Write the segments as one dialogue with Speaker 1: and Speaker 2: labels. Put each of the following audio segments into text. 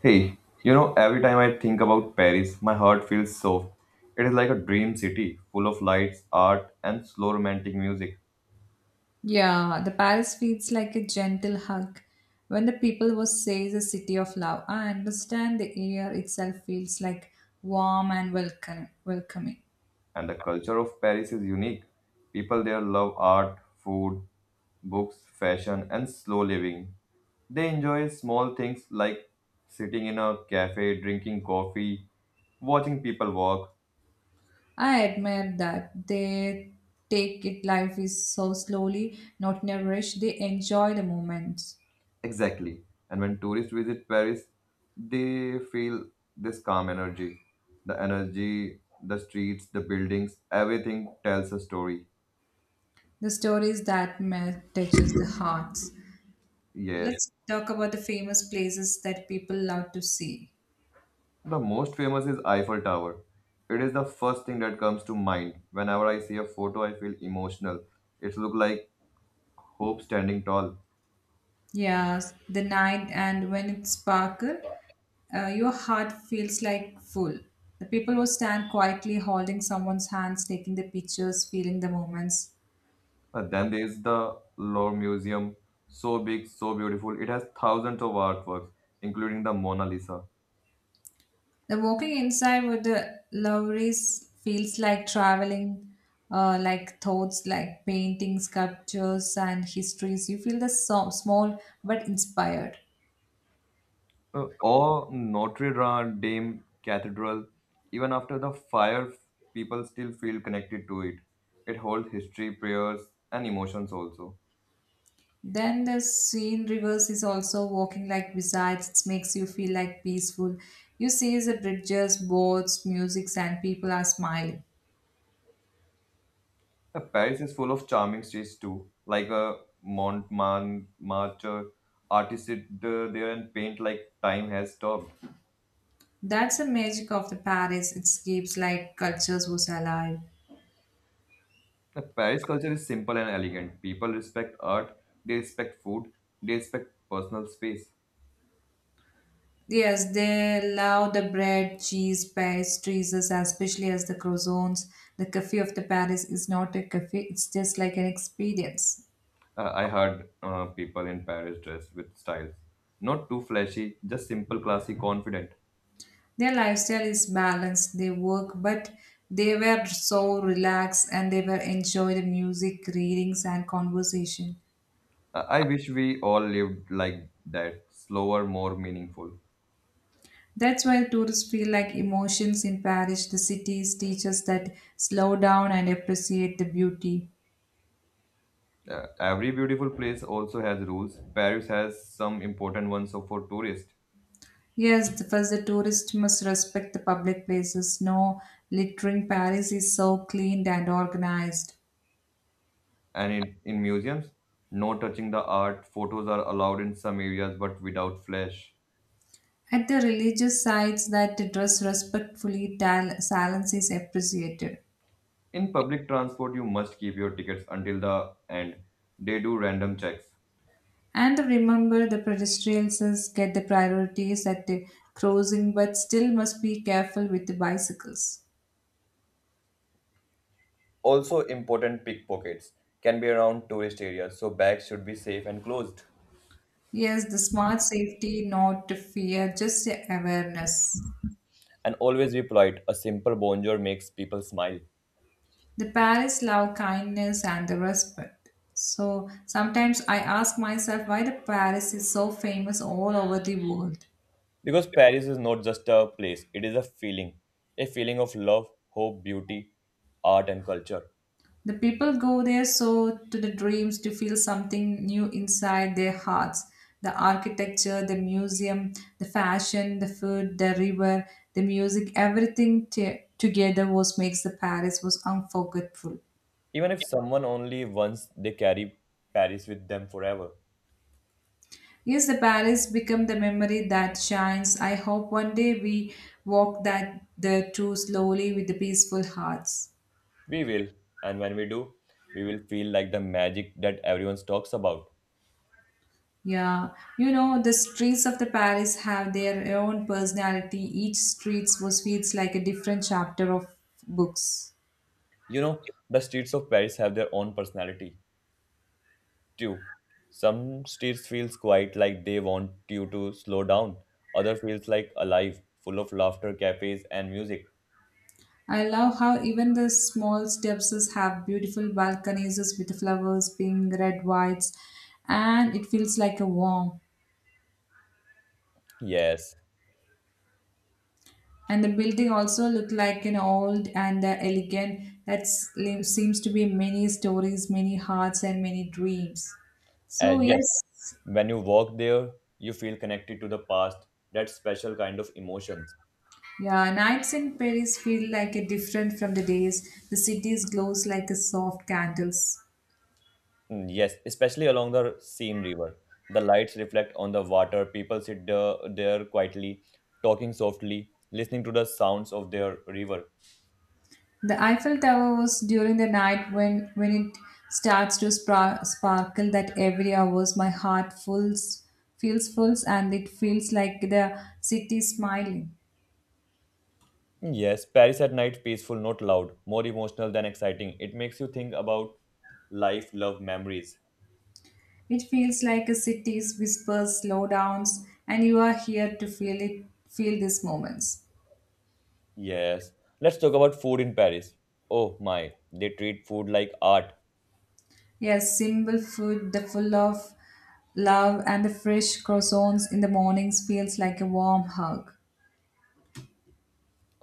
Speaker 1: Hey, you know, every time I think about Paris, my heart feels soft. It is like a dream city, full of lights, art, and slow romantic music.
Speaker 2: Yeah, the Paris feels like a gentle hug. When the people was says a city of love, I understand the air itself feels like warm and welcoming.
Speaker 1: And the culture of Paris is unique. People there love art, food, books, fashion, and slow living. They enjoy small things like sitting in a cafe, drinking coffee, watching people walk.
Speaker 2: I admire that they take it life is so slowly, not in a rush. They enjoy the moments,
Speaker 1: Exactly. And when tourists visit Paris, they feel this calm energy. The energy, the streets, the buildings, everything tells a story.
Speaker 2: the stories that touches the hearts.
Speaker 1: Yes.
Speaker 2: Let's talk about the famous places that people love to see.
Speaker 1: The most famous is Eiffel Tower. It is the first thing that comes to mind. Whenever I see a photo, I feel emotional. It looks like hope standing tall.
Speaker 2: Yes, the night and when it sparkle, your heart feels like full. The people will stand quietly holding someone's hands, taking the pictures, feeling the moments.
Speaker 1: But then there is the Louvre Museum. So big, so beautiful. It has thousands of artworks, including the Mona Lisa.
Speaker 2: The walking inside with the lorries feels like traveling, like thoughts, like paintings, sculptures, and histories. You feel the small but inspired.
Speaker 1: Or Notre Dame Cathedral, even after the fire, people still feel connected to it. It holds history, prayers, and emotions also.
Speaker 2: Then the scene reverse is also walking like wizards. It makes you feel like peaceful. You see the bridges, boats, music, and people are smiling.
Speaker 1: Paris is full of charming streets too, like a Montmartre artist there and paint like time has stopped.
Speaker 2: That's the magic of the Paris. It keeps like cultures was alive.
Speaker 1: The Paris culture is simple and elegant. People respect art, they respect food, they respect personal space.
Speaker 2: Yes, they love the bread, cheese, pastries, especially as the croissants. The cafe of the Paris is not a cafe. It's just like an experience.
Speaker 1: I heard people in Paris dress with styles. Not too flashy, just simple, classy, confident.
Speaker 2: Their lifestyle is balanced. They work, but they were so relaxed and they were enjoy the music, readings, and conversation.
Speaker 1: I wish we all lived like that, slower, more meaningful.
Speaker 2: That's why tourists feel like emotions in Paris. The cities teach us that slow down and appreciate the beauty.
Speaker 1: Every beautiful place also has rules. Paris has some important ones so for tourists.
Speaker 2: Yes, first the tourist must respect the public places. No littering. Paris is so cleaned and organized.
Speaker 1: And in museums, no touching the art, photos are allowed in some areas but without flash.
Speaker 2: At the religious sites that dress respectfully, silence is appreciated.
Speaker 1: In public transport, you must keep your tickets until the end. They do random checks.
Speaker 2: And remember, the pedestrians get the priorities at the crossing, but still must be careful with the bicycles.
Speaker 1: Also, important pickpockets can be around tourist areas, so bags should be safe and closed.
Speaker 2: Yes, the smart safety, not fear, just the awareness.
Speaker 1: And always be polite. A simple bonjour makes people smile.
Speaker 2: The parents love kindness and the respect. So sometimes I ask myself why the Paris is so famous all over the world.
Speaker 1: Because Paris is not just a place, it is a feeling. A feeling of love, hope, beauty, art, and culture.
Speaker 2: The people go there so to the dreams to feel something new inside their hearts. The architecture, the museum, the fashion, the food, the river, the music, everything together was makes the Paris was unforgettable.
Speaker 1: Even if someone only once, they carry Paris with them forever.
Speaker 2: Yes, the Paris become the memory that shines. I hope one day we walk that the two slowly with the peaceful hearts.
Speaker 1: We will, and when we do, we will feel like the magic that everyone talks about.
Speaker 2: Yeah, you know, the streets of the Paris have their own personality. Each street was feels like a different chapter of books.
Speaker 1: You know, the streets of Paris have their own personality. You. Some streets feels quiet like they want you to slow down. Other feels like alive, full of laughter, cafes and music.
Speaker 2: I love how even the small steps have beautiful balconies with flowers, pink, red, whites, and it feels like a warm.
Speaker 1: Yes.
Speaker 2: And the building also look like an old and elegant. That seems to be many stories, many hearts, and many dreams. So
Speaker 1: And yes,
Speaker 2: yes,
Speaker 1: when you walk there, you feel connected to the past, that special kind of emotions.
Speaker 2: yeah, nights in Paris feel like a different from the days. The cities glows like a soft candles.
Speaker 1: Mm, yes, especially along the Seine River. The lights reflect on the water. People sit there quietly, talking softly, listening to the sounds of their river.
Speaker 2: The Eiffel Tower was during the night when it starts to sparkle that every hours my heart fulls feels full and it feels like the city smiling.
Speaker 1: Yes, Paris at night, peaceful, not loud, more emotional than exciting. It makes you think about life, love, memories.
Speaker 2: It feels like a city's whispers, slowdowns, and you are here to feel these moments.
Speaker 1: Yes. Let's talk about food in Paris. Oh my, they treat food like art.
Speaker 2: Yes, simple food, the full of love, and the fresh croissants in the mornings feels like a warm hug.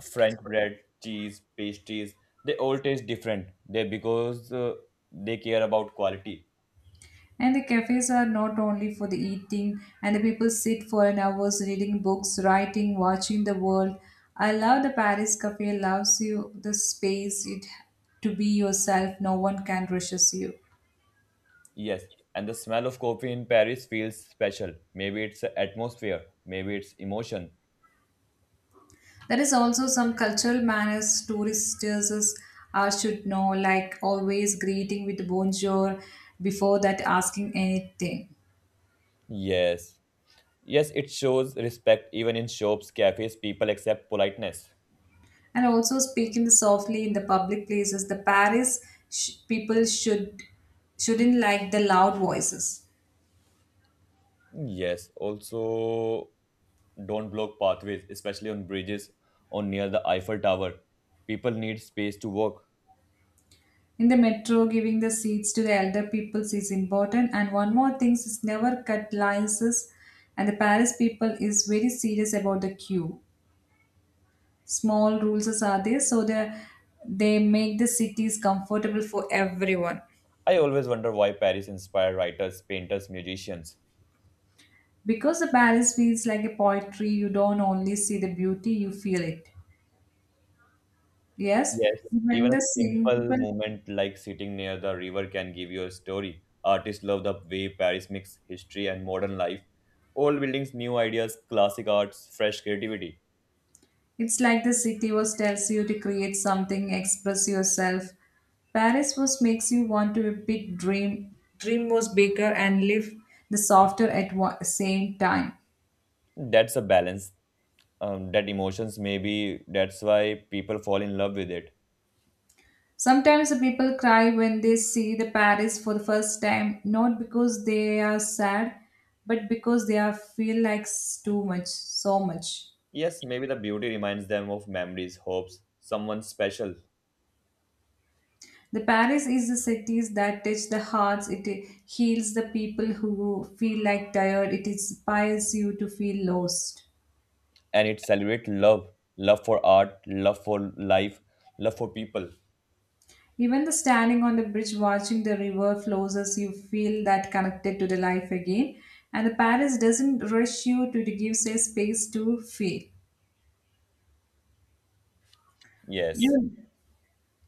Speaker 1: French bread, cheese, pastries, they all taste different. They because they care about quality.
Speaker 2: And the cafes are not only for the eating, and the people sit for an hours reading books, writing, watching the world. I love the Paris cafe allows you the space it to be yourself. No one can rushes you.
Speaker 1: Yes, and the smell of coffee in Paris feels special. Maybe it's the atmosphere, maybe it's emotion.
Speaker 2: There is also some cultural manners tourists should know, like always greeting with bonjour before that asking anything.
Speaker 1: Yes. Yes, it shows respect even in shops, cafes, people accept politeness.
Speaker 2: And also speaking softly in the public places, the Paris people shouldn't like the loud voices.
Speaker 1: Yes, also don't block pathways, especially on bridges or near the Eiffel Tower. People need space to walk.
Speaker 2: In the metro, giving the seats to the elder peoples is important. And one more thing is never cut lines. And the Paris people is very serious about the queue. Small rules are there, so they make the cities comfortable for everyone.
Speaker 1: I always wonder why Paris inspired writers, painters, musicians.
Speaker 2: Because the Paris feels like a poetry, you don't only see the beauty, you feel it. Yes,
Speaker 1: Yes,
Speaker 2: when
Speaker 1: even a
Speaker 2: the
Speaker 1: simple
Speaker 2: simple,
Speaker 1: moment like sitting near the river can give you a story. Artists love the way Paris mixes history and modern life. Old buildings, new ideas, classic arts, fresh creativity.
Speaker 2: it's like the city was tells you to create something, express yourself. Paris was makes you want to big dream. Dream was bigger and live the softer at same time.
Speaker 1: That's a balance. That emotions maybe that's why people fall in love with it.
Speaker 2: Sometimes the people cry when they see the Paris for the first time, not because they are sad, but because they are feel like too much, so much.
Speaker 1: Yes, maybe the beauty reminds them of memories, hopes, someone special,
Speaker 2: The Paris is the cities that touch the hearts. It heals the people who feel like tired. It inspires you to feel lost.
Speaker 1: and it celebrates love, love for art, love for life, love for people.
Speaker 2: Even the standing on the bridge watching the river flows as you feel that connected to the life again. And the Paris doesn't rush you to give say space to feel.
Speaker 1: Yes,
Speaker 2: You,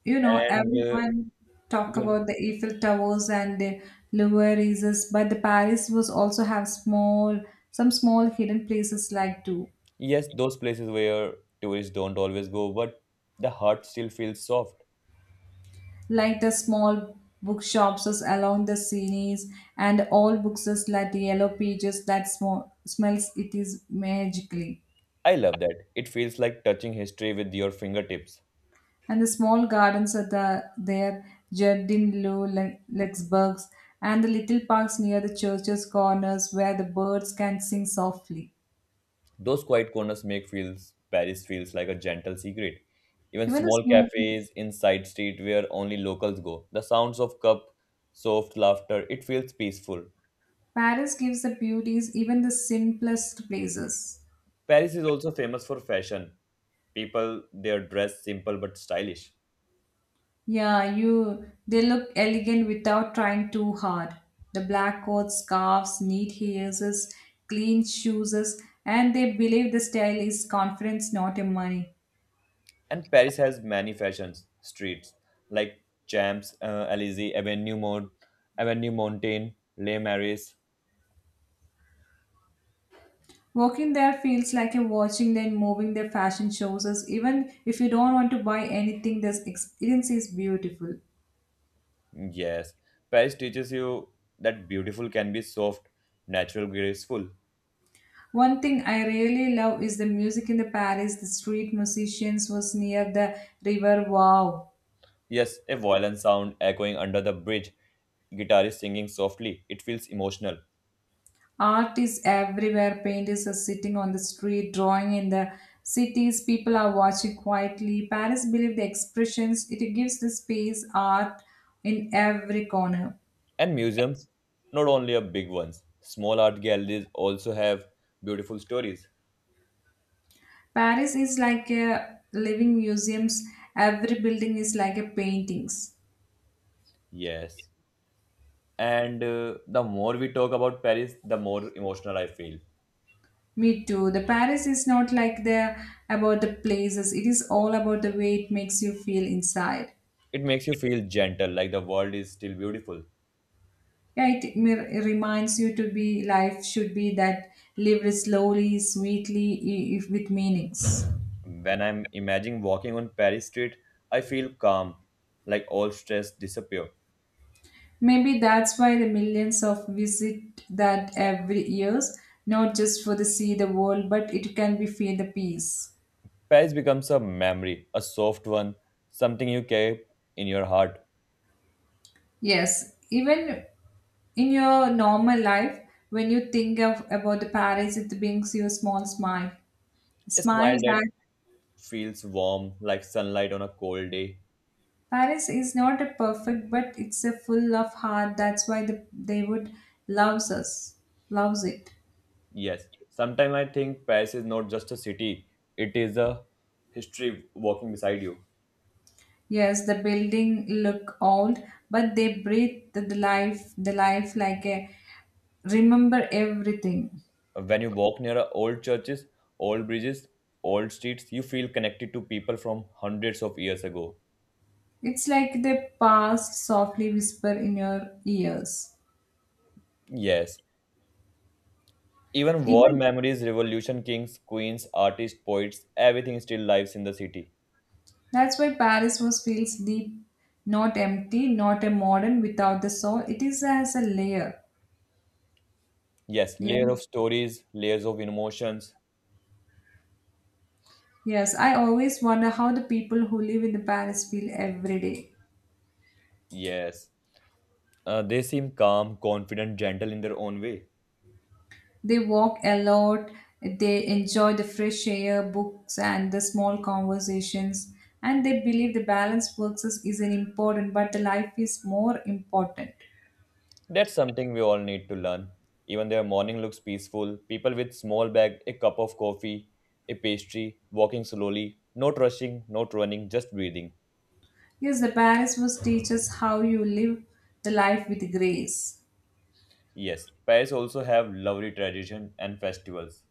Speaker 2: you know,
Speaker 1: and
Speaker 2: everyone talk
Speaker 1: you,
Speaker 2: about the Eiffel Towers and the Louvre is, but the Paris was also have small, some small hidden places like too.
Speaker 1: yes, those places where tourists don't always go, but the heart still feels soft.
Speaker 2: Like the small bookshops along the scenes and all books is like the yellow pages that smells it is magically
Speaker 1: I love that. It feels like touching history with your fingertips.
Speaker 2: and the small gardens are the there jardin lou lexburgs and the little parks near the church's corners where the birds can sing softly
Speaker 1: Those quiet corners make feels Paris feels like a gentle secret. Even
Speaker 2: even the
Speaker 1: small
Speaker 2: small
Speaker 1: cafes in side street where only locals go. The sounds of cup, soft laughter, it feels peaceful.
Speaker 2: Paris gives the beauties even the simplest places.
Speaker 1: Paris is also famous for fashion. People their dress simple but stylish.
Speaker 2: Yeah, you they look elegant without trying too hard. The black coats, scarves, neat heels, clean shoes, and they believe the style is confidence, not in money.
Speaker 1: And Paris has many fashions streets like Champs, Elysee, Avenue Montaigne, Les Maris.
Speaker 2: Walking there feels like you're watching them moving their fashion shows. Even if you don't want to buy anything, this experience is beautiful.
Speaker 1: Yes, Paris teaches you that beautiful can be soft, natural, graceful.
Speaker 2: One thing I really love is the music in the Paris. The street musicians was near the river. Wow,
Speaker 1: Yes, a violent sound echoing under the bridge, guitarist singing softly. It feels emotional.
Speaker 2: art is everywhere. Painters are sitting on the street, drawing in the cities. People are watching quietly. Paris believe the expressions it gives the space art in every corner.
Speaker 1: And museums, not only are big ones, small art galleries also have beautiful stories.
Speaker 2: Paris is like a living museums. Every building is like a paintings.
Speaker 1: Yes. And the more we talk about Paris, the more emotional I feel.
Speaker 2: Me too. The Paris is not like the about the places. It is all about the way it makes you feel inside.
Speaker 1: It makes you feel gentle, like the world is still beautiful.
Speaker 2: Yeah, it reminds you to be life should be that lived slowly, sweetly, if with meanings.
Speaker 1: When I'm imagining walking on Paris street, I feel calm, like all stress disappear.
Speaker 2: Maybe that's why the millions of visit that every years, not just for the see the world, but it can be feel the peace.
Speaker 1: Paris becomes a memory, a soft one, something you carry in your heart.
Speaker 2: Yes, even in your normal life, when you think of about the Paris, it brings you a small smile,
Speaker 1: A
Speaker 2: smile
Speaker 1: smile that
Speaker 2: that
Speaker 1: feels warm, like sunlight on a cold day.
Speaker 2: Paris is not a perfect, but it's a full of heart. That's why they would loves us, loves it.
Speaker 1: Yes, sometimes I think Paris is not just a city, it is a history walking beside you.
Speaker 2: Yes, the building look old, but they breathe the life like a remember everything.
Speaker 1: When you walk near a old churches, old bridges, old streets, you feel connected to people from hundreds of years ago.
Speaker 2: It's like the past softly whisper in your ears.
Speaker 1: Yes, even war
Speaker 2: Even
Speaker 1: memories, revolution kings, queens, artists, poets, everything still lives in the city.
Speaker 2: that's why Paris was feels deep, not empty, not a modern without the soul. It is as a layer.
Speaker 1: Yes, layer
Speaker 2: Yeah.
Speaker 1: of stories, layers of emotions.
Speaker 2: Yes, I always wonder how the people who live in the Paris feel every day.
Speaker 1: Yes. They seem calm, confident, gentle in their own way.
Speaker 2: They walk a lot, they enjoy the fresh air, books, and the small conversations, and they believe the balanced works is an important, but the life is more important.
Speaker 1: That's something we all need to learn. Even their morning looks peaceful. People with small bag, a cup of coffee, a pastry, walking slowly, not rushing, not running, just breathing.
Speaker 2: Yes, the Paris was teach us how you live the life with grace.
Speaker 1: Yes, Paris also have lovely tradition and festivals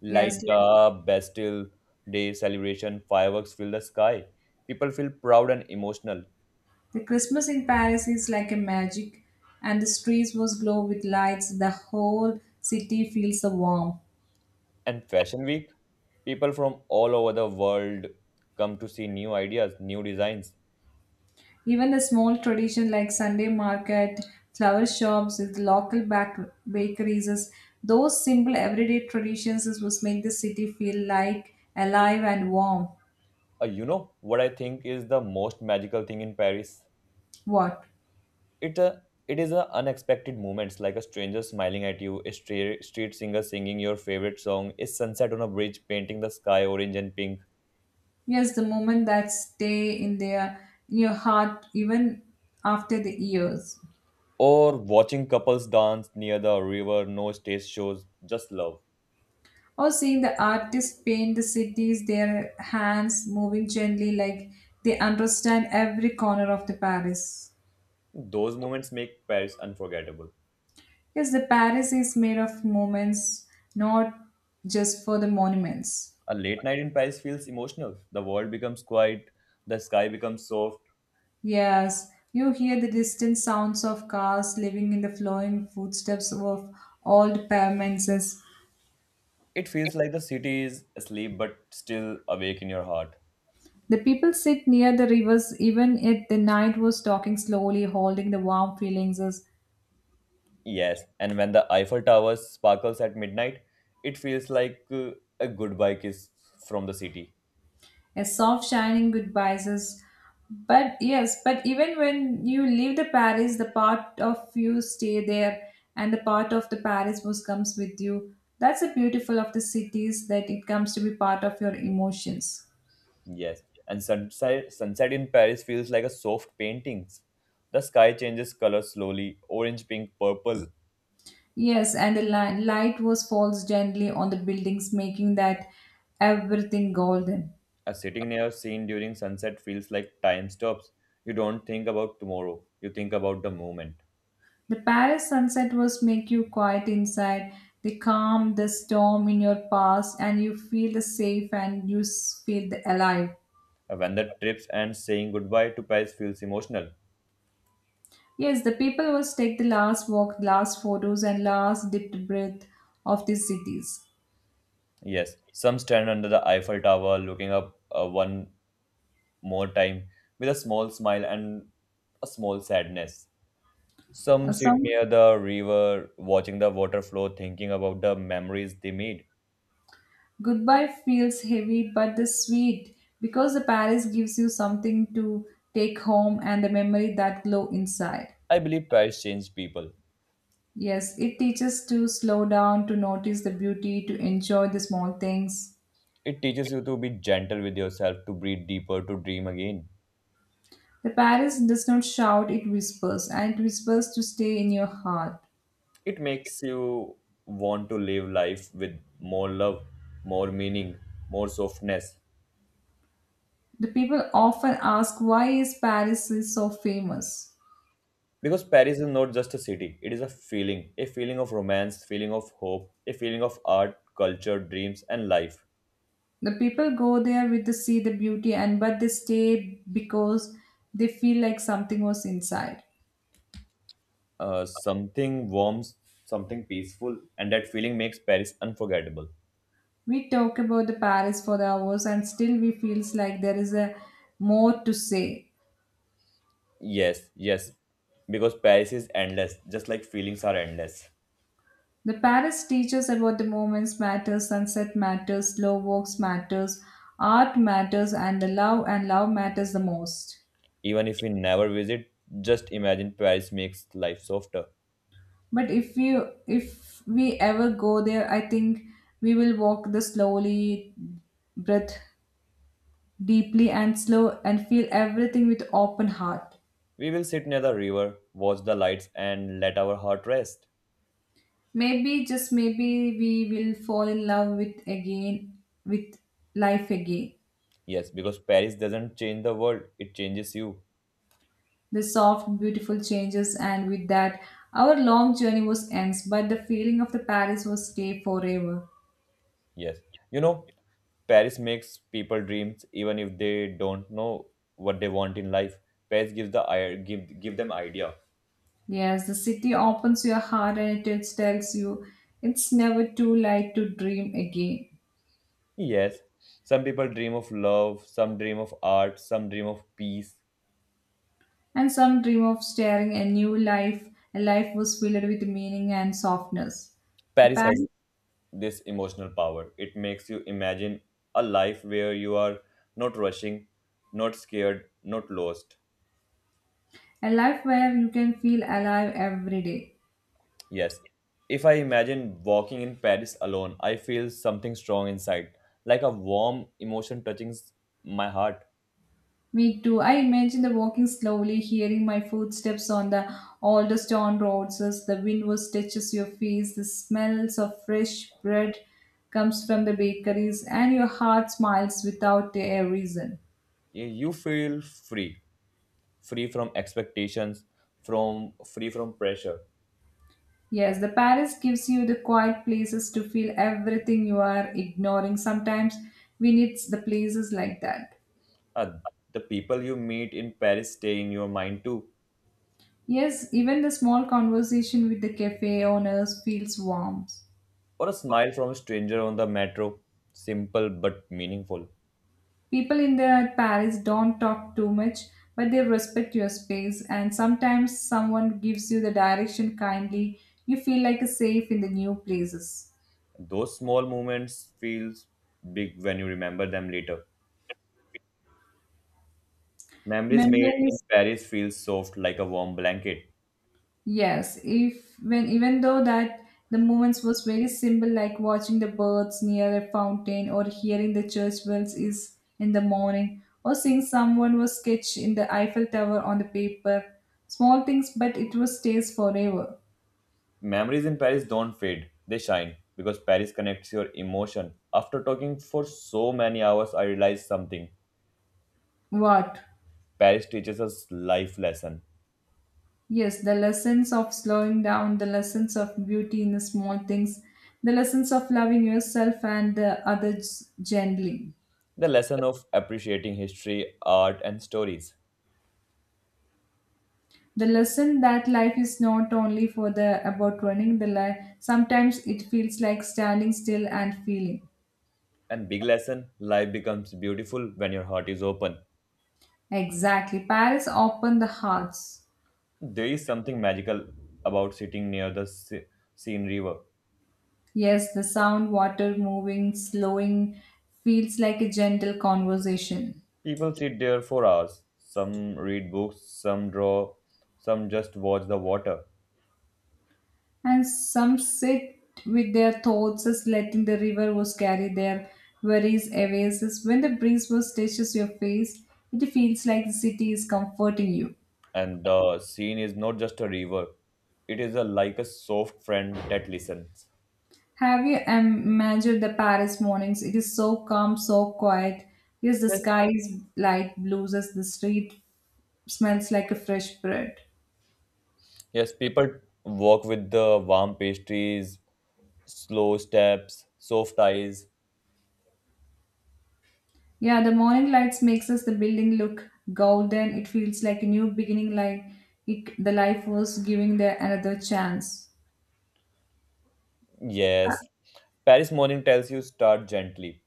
Speaker 1: like
Speaker 2: Yes, like-
Speaker 1: the Bastille Day celebration, fireworks fill the sky. People feel proud and emotional.
Speaker 2: the Christmas in Paris is like a magic, and the streets was glow with lights. The whole city feels the warmth.
Speaker 1: And Fashion Week, people from all over the world come to see new ideas, new designs.
Speaker 2: Even the small tradition like Sunday market, flower shops, with local bakeries, is- those simple everyday traditions is what make the city feel like alive and warm.
Speaker 1: You know what I think is the most magical thing in Paris?
Speaker 2: What?
Speaker 1: It it is unexpected moments like a stranger smiling at you, street singer singing your favorite song, a sunset on a bridge painting the sky orange and pink,
Speaker 2: Yes, the moment that stay in their in your heart even after the years.
Speaker 1: or watching couples dance near the river. No stage shows, just love.
Speaker 2: Or seeing the artists paint the cities, their hands moving gently like they understand every corner of the Paris.
Speaker 1: Those moments make Paris unforgettable.
Speaker 2: Yes, the Paris is made of moments, not just for the monuments.
Speaker 1: A late night in Paris feels emotional. The world becomes quiet, the sky becomes soft.
Speaker 2: Yes, you hear the distant sounds of cars living in the flowing footsteps of old pavements.
Speaker 1: It feels like the city is asleep but still awake in your heart.
Speaker 2: The people sit near the rivers even if the night was talking slowly, holding the warm feelings.
Speaker 1: Yes, and when the Eiffel Tower sparkles at midnight, it feels like a goodbye kiss from the city.
Speaker 2: A soft, shining goodbye says, but yes, but even when you leave the Paris, the part of you stay there, and the part of the Paris was comes with you. That's the beautiful of the cities that it comes to be part of your emotions.
Speaker 1: Yes, and sunset in Paris feels like a soft paintings. The sky changes color slowly, orange, pink, purple.
Speaker 2: Yes, and the light was falls gently on the buildings, making that everything golden.
Speaker 1: A sitting near scene during sunset feels like time stops. You don't think about tomorrow, you think about the moment.
Speaker 2: The Paris sunset was make you quiet inside. They calm the storm in your past, and you feel the safe and you feel the alive.
Speaker 1: When the trips and saying goodbye to Paris feels emotional.
Speaker 2: Yes, the people must take the last walk, last photos, and last deep breath of these cities.
Speaker 1: Yes, some stand under the Eiffel Tower looking up, one more time with a small smile and a small sadness. Some sit
Speaker 2: Some
Speaker 1: near the river, watching the water flow, thinking about the memories they made.
Speaker 2: goodbye feels heavy, but the sweet because the Paris gives you something to take home and the memory that glow inside.
Speaker 1: I believe Paris changed people.
Speaker 2: Yes, it teaches to slow down, to notice the beauty, to enjoy the small things.
Speaker 1: It teaches you to be gentle with yourself, to breathe deeper, to dream again.
Speaker 2: The Paris does not shout; it whispers, and it whispers to stay in your heart.
Speaker 1: It makes you want to live life with more love, more meaning, more softness.
Speaker 2: The people often ask why is Paris is so famous.
Speaker 1: Because Paris is not just a city, it is a feeling of romance, feeling of hope, a feeling of art, culture, dreams, and life.
Speaker 2: The people go there with to see the beauty and but they stay because they feel like something was inside.
Speaker 1: Something warm, something peaceful, and that feeling makes Paris unforgettable.
Speaker 2: We talk about the Paris for the hours and still we feels like there is a more to say.
Speaker 1: Yes, because Paris is endless, just like feelings are endless.
Speaker 2: The Paris teaches about the moments matters, sunset matters, slow walks matters, art matters and the love and love matters the most.
Speaker 1: Even if we never visit, just imagine Paris makes life softer.
Speaker 2: But if we ever go there, I think we will walk the slowly breath deeply and slow and feel everything with open heart.
Speaker 1: We will sit near the river, watch the lights, and let our heart rest.
Speaker 2: Maybe just maybe we will fall in love with life again.
Speaker 1: Yes, because Paris doesn't change the world, it changes you.
Speaker 2: The soft beautiful changes, and with that our long journey was ends, but the feeling of the paris was stay forever.
Speaker 1: Yes. You know, Paris makes people dreams even if they don't know what they want in life. Paris gives the I- give give them idea.
Speaker 2: Yes, the city opens your heart and it tells you it's never too late to dream again.
Speaker 1: Yes, some people dream of love, some dream of art, some dream of peace.
Speaker 2: And some dream of starting a new life, a life was filled with meaning and softness. The
Speaker 1: Paris has
Speaker 2: Paris
Speaker 1: this emotional power. It makes you imagine a life where you are not rushing, not scared, not lost.
Speaker 2: A life where you can feel alive every day.
Speaker 1: Yes, if I imagine walking in Paris alone, I feel something strong inside, like a warm emotion touching my heart.
Speaker 2: Me too. I imagine the walking slowly, hearing my footsteps on the old stone roads as the wind was touches your face, the smells of fresh bread comes from the bakeries, and your heart smiles without a reason.
Speaker 1: You feel free, free from expectations, from free from pressure.
Speaker 2: Yes, the Paris gives you the quiet places to feel everything you are ignoring. Sometimes we need the places like that.
Speaker 1: Uh, the people you meet in Paris stay in your mind too,
Speaker 2: Yes, even the small conversation with the cafe owners feels warm.
Speaker 1: or a smile from a stranger on the metro. Simple but meaningful.
Speaker 2: People in the Paris don't talk too much, but they respect your space, and sometimes someone gives you the direction kindly. You feel like safe in the new places.
Speaker 1: Those small moments feel big when you remember them later. Memories made in
Speaker 2: Memories,
Speaker 1: Paris feel soft like a warm blanket.
Speaker 2: yes. If when Even though that the moments was very simple, like watching the birds near a fountain or hearing the church bells is in the morning, or seeing someone was sketched in the Eiffel Tower on the paper. Small things, but it was stays forever.
Speaker 1: Memories in Paris don't fade, they shine because Paris connects your emotion. After talking for so many hours, I realized something.
Speaker 2: What?
Speaker 1: Paris teaches us life lesson.
Speaker 2: Yes, the lessons of slowing down, the lessons of beauty in the small things, the lessons of loving yourself and the others gently.
Speaker 1: The lesson of appreciating history, art and stories.
Speaker 2: The lesson that life is not only for the about running the life. Sometimes it feels like standing still and feeling.
Speaker 1: And big lesson life becomes beautiful when your heart is open.
Speaker 2: Exactly. Paris opened the hearts.
Speaker 1: There is something magical about sitting near the Seine River.
Speaker 2: Yes, the sound, water moving, slowing feels like a gentle conversation.
Speaker 1: People sit there for hours. Some read books, some draw, some just watch the water.
Speaker 2: And some sit with their thoughts as letting the river was carry their worries away. As when the breeze was touches your face, it feels like the city is comforting you.
Speaker 1: And the Seine is not just a river, it is a, like a soft friend that listens.
Speaker 2: Have you imagined the Paris mornings? It is so calm, so quiet. Yes, the sky is light blues as the street smells like a fresh bread.
Speaker 1: Yes, people walk with the warm pastries, slow steps, soft eyes.
Speaker 2: Yeah, the morning lights makes us the building look golden. It feels like a new beginning, like it, the life was giving the another chance.
Speaker 1: Yes, Paris Morning tells you start gently.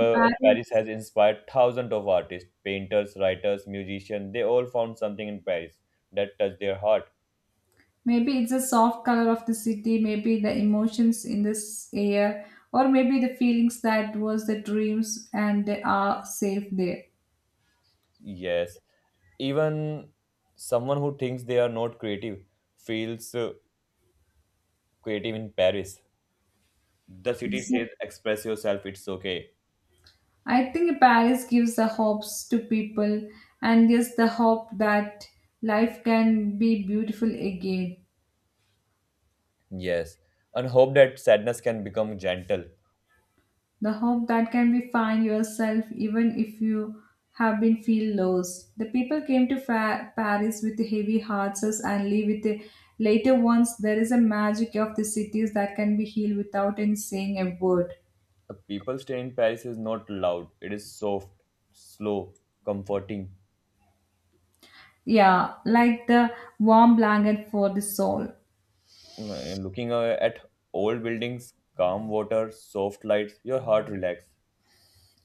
Speaker 2: The
Speaker 1: Paris
Speaker 2: Paris
Speaker 1: has inspired thousands of artists, painters, writers, musicians. They all found something in Paris that touched their heart.
Speaker 2: Maybe it's the soft color of the city, maybe the emotions in this air, or maybe the feelings that was the dreams and they are safe there.
Speaker 1: Yes, even someone who thinks they are not creative feels creative in Paris. The city
Speaker 2: That's
Speaker 1: says, express yourself, it's okay.
Speaker 2: I think Paris gives the hopes to people, and yes the hope that life can be beautiful again.
Speaker 1: Yes, and hope that sadness can become gentle.
Speaker 2: The hope that can be find yourself even if you have been feel lost. The people came to Paris with heavy hearts and leave with the later ones. There is a magic of the cities that can be healed without any saying a word.
Speaker 1: The people stay in Paris is not loud, it is soft, slow, comforting.
Speaker 2: Yeah, like the warm blanket for the soul.
Speaker 1: Looking at old buildings, calm water, soft lights, your heart relax.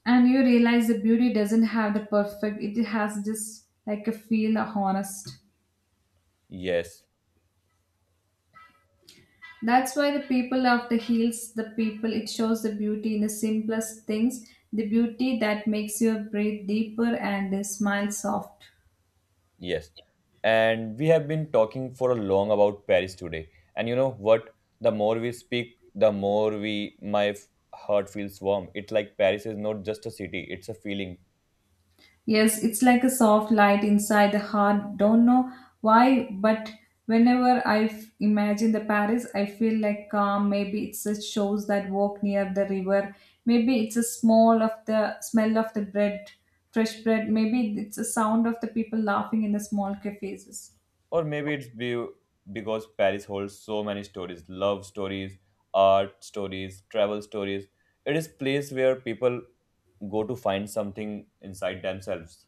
Speaker 2: And you realize the beauty doesn't have the perfect, it has just like a feel honest.
Speaker 1: Yes,
Speaker 2: That's why the people of the hills, the people, it shows the beauty in the simplest things, the beauty that makes you breathe deeper and smile soft.
Speaker 1: yes. And we have been talking for a long about Paris today. And you know what? The more we speak, the more we my f- heart feels warm. It's like Paris is not just a city; it's a feeling.
Speaker 2: Yes, it's like a soft light inside the heart. Don't know why, but whenever I imagine the Paris, I feel like calm. Maybe it's the shows that walk near the river. Maybe it's a smell of the bread, fresh bread. Maybe it's the sound of the people laughing in the small cafes.
Speaker 1: Or maybe it's because Paris holds so many stories: love stories, art stories, travel stories. It is place where people go to find something inside themselves.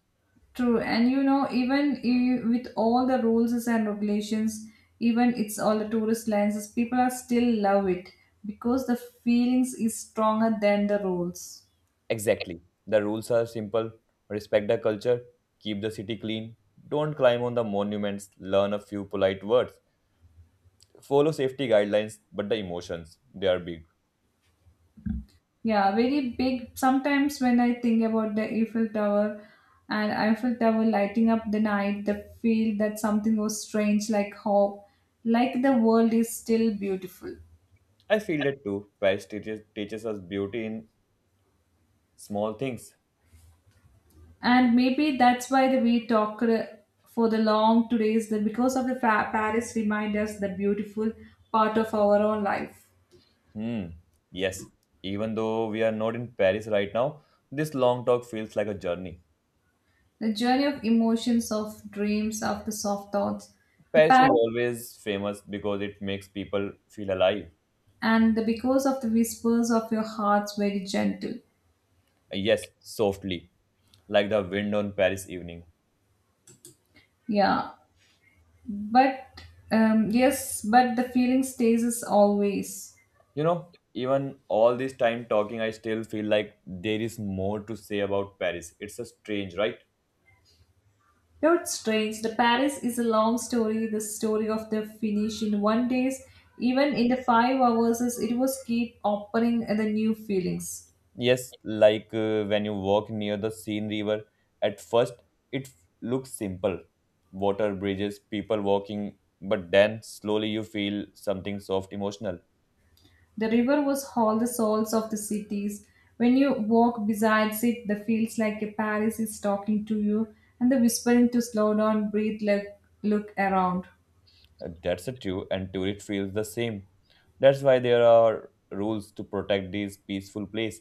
Speaker 2: True, and even with all the rules and regulations, even it's all the tourist lenses, people are still love it because the feelings is stronger than the rules.
Speaker 1: Exactly. The rules are simple respect the culture, keep the city clean, don't climb on the monuments, learn a few polite words, follow safety guidelines, but the emotions, they are big.
Speaker 2: Yeah, very big. Sometimes when I think about the Eiffel Tower lighting up the night, the feel that something was strange, like hope, like the world is still beautiful.
Speaker 1: I feel that too. Paris teaches us beauty in small things.
Speaker 2: And maybe that's why the we talk for the long todays, that because of the Paris remind us the beautiful part of our own life.
Speaker 1: Hmm, yes. Even though we are not in Paris right now, this long talk feels like a journey.
Speaker 2: The journey of emotions of dreams of the soft thoughts. The
Speaker 1: Paris is
Speaker 2: paris
Speaker 1: always famous because it makes people feel alive.
Speaker 2: and the because of the whispers of your hearts very gentle.
Speaker 1: Yes, softly, like the wind on Paris evening.
Speaker 2: Yeah, but yes, but the feeling stays as always.
Speaker 1: You know, even all this time talking, I still feel like there is more to say about Paris. It's a strange, right?
Speaker 2: Not strange, the Paris is a long story, the story of the finish in one days, even in the 5 hours as it was keep opening the new feelings.
Speaker 1: Yes, like when you walk near the Seine River, at first it looks simple water, bridges, people walking, but then slowly you feel something soft emotional.
Speaker 2: The river was all the souls of the cities. When you walk besides it, the feels like a Paris is talking to you and the whispering to slow down, breathe, look, look around.
Speaker 1: That's a true, and tourist feels the same. That's why there are rules to protect this peaceful place.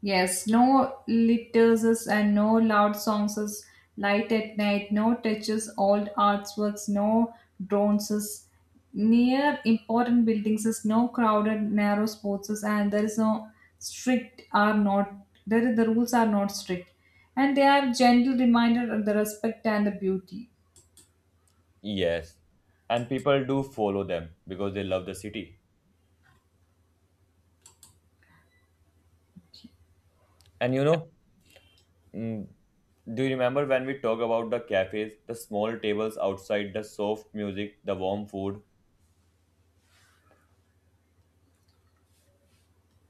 Speaker 2: Yes, no litters and no loud songs, is light at night, no touches, old artworks, no drones, is near important buildings, is no crowded, narrow spots, is and there is no strict are not there is, the rules are not strict, and they are gentle reminder of the respect and the beauty.
Speaker 1: Yes, and people do follow them because they love the city. And you know, Mm, do you remember when we talk about the cafes, the small tables outside, the soft music, the warm food?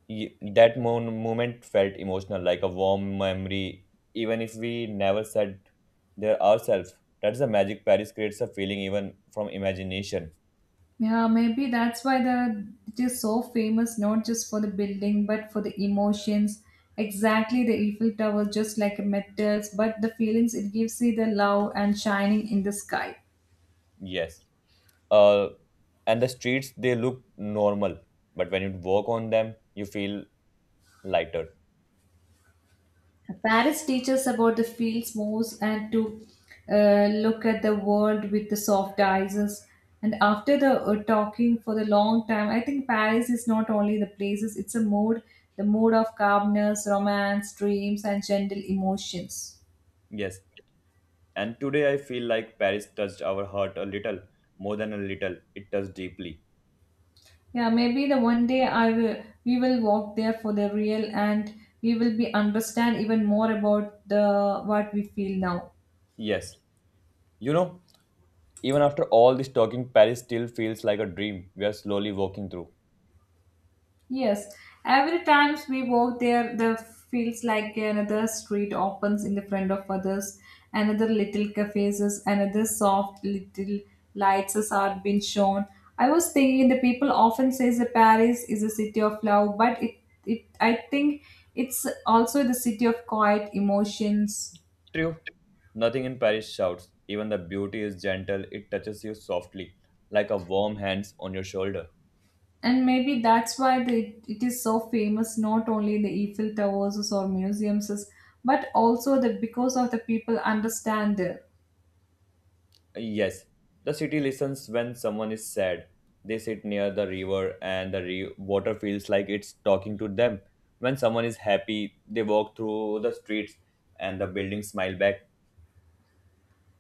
Speaker 1: Y- That moment felt emotional, like a warm memory, even if we never said there ourselves. That's the magic Paris creates a feeling even from imagination.
Speaker 2: Yeah, maybe that's why the it is so famous not just for the building but for the emotions. Exactly, the Eiffel Tower just like a metals, but the feelings it gives you the love and shining in the sky.
Speaker 1: Yes. Uh, and the streets, they look normal, but when you walk on them, you feel lighter.
Speaker 2: Paris teaches about the fields moves and to look at the world with the soft eyes. And after the talking for the long time, I think Paris is not only the places; it's a mood, the mood of calmness, romance, dreams, and gentle emotions.
Speaker 1: Yes. And today I feel like Paris touched our heart a little, more than a little, it touched deeply.
Speaker 2: Yeah, maybe the one day I will we will walk there for the real, and we will be understand even more about the what we feel now.
Speaker 1: Yes. You know, even after all this talking, Paris still feels like a dream we are slowly walking through.
Speaker 2: Yes, every times we walk there, the feels like another street opens in the front of others, another little cafes, another soft little lights as are being shown. I was thinking the people often says that Paris is a city of love, but it I think it's also the city of quiet emotions.
Speaker 1: True. Nothing in Paris shouts. Even the beauty is gentle, it touches you softly, like a warm hands on your shoulder.
Speaker 2: And maybe that's why it is so famous, not only the Eiffel Towers or museums, but also the because of the people understand it.
Speaker 1: Yes, the city listens when someone is sad. They sit near the river, and the water feels like it's talking to them. When someone is happy, they walk through the streets, and the buildings smile back.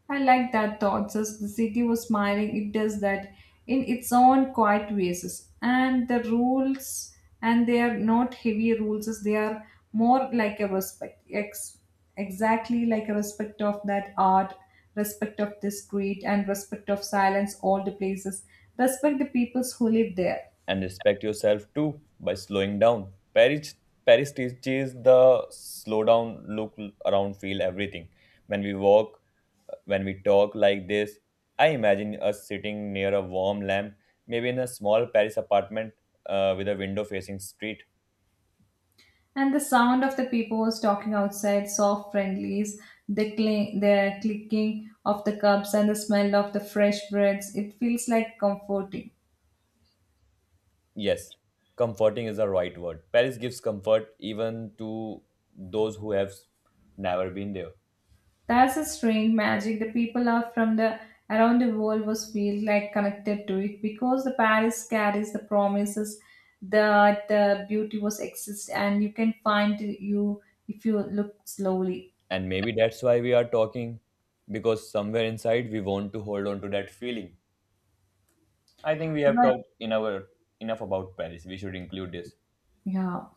Speaker 2: I like that thought. Just the city was smiling. It does that in its own quiet ways. And the rules, and they are not heavy rules, is they are more like a respect, exactly like a respect of that art, respect of this street, and respect of silence, all the places. Respect the peoples who live there.
Speaker 1: And respect yourself too by slowing down. Paris teaches the slow down, look around, feel everything. When we walk, when we talk like this, I imagine us sitting near a warm lamp, maybe in a small Paris apartment with a window facing street.
Speaker 2: And the sound of the peepers talking outside, soft friendlies, the clicking of the cups, and the smell of the fresh breads. It feels like comforting.
Speaker 1: Yes, comforting is the right word. Paris gives comfort even to those who have never been there.
Speaker 2: That's a strange magic. The people are from the around the world was feel like connected to it because the Paris carries the promises that the beauty was exist and you can find you if you look slowly.
Speaker 1: And maybe that's why we are talking because somewhere inside we want to hold on to that feeling. I think we have
Speaker 2: But
Speaker 1: talked in our enough about Paris. We should include this.
Speaker 2: yeah.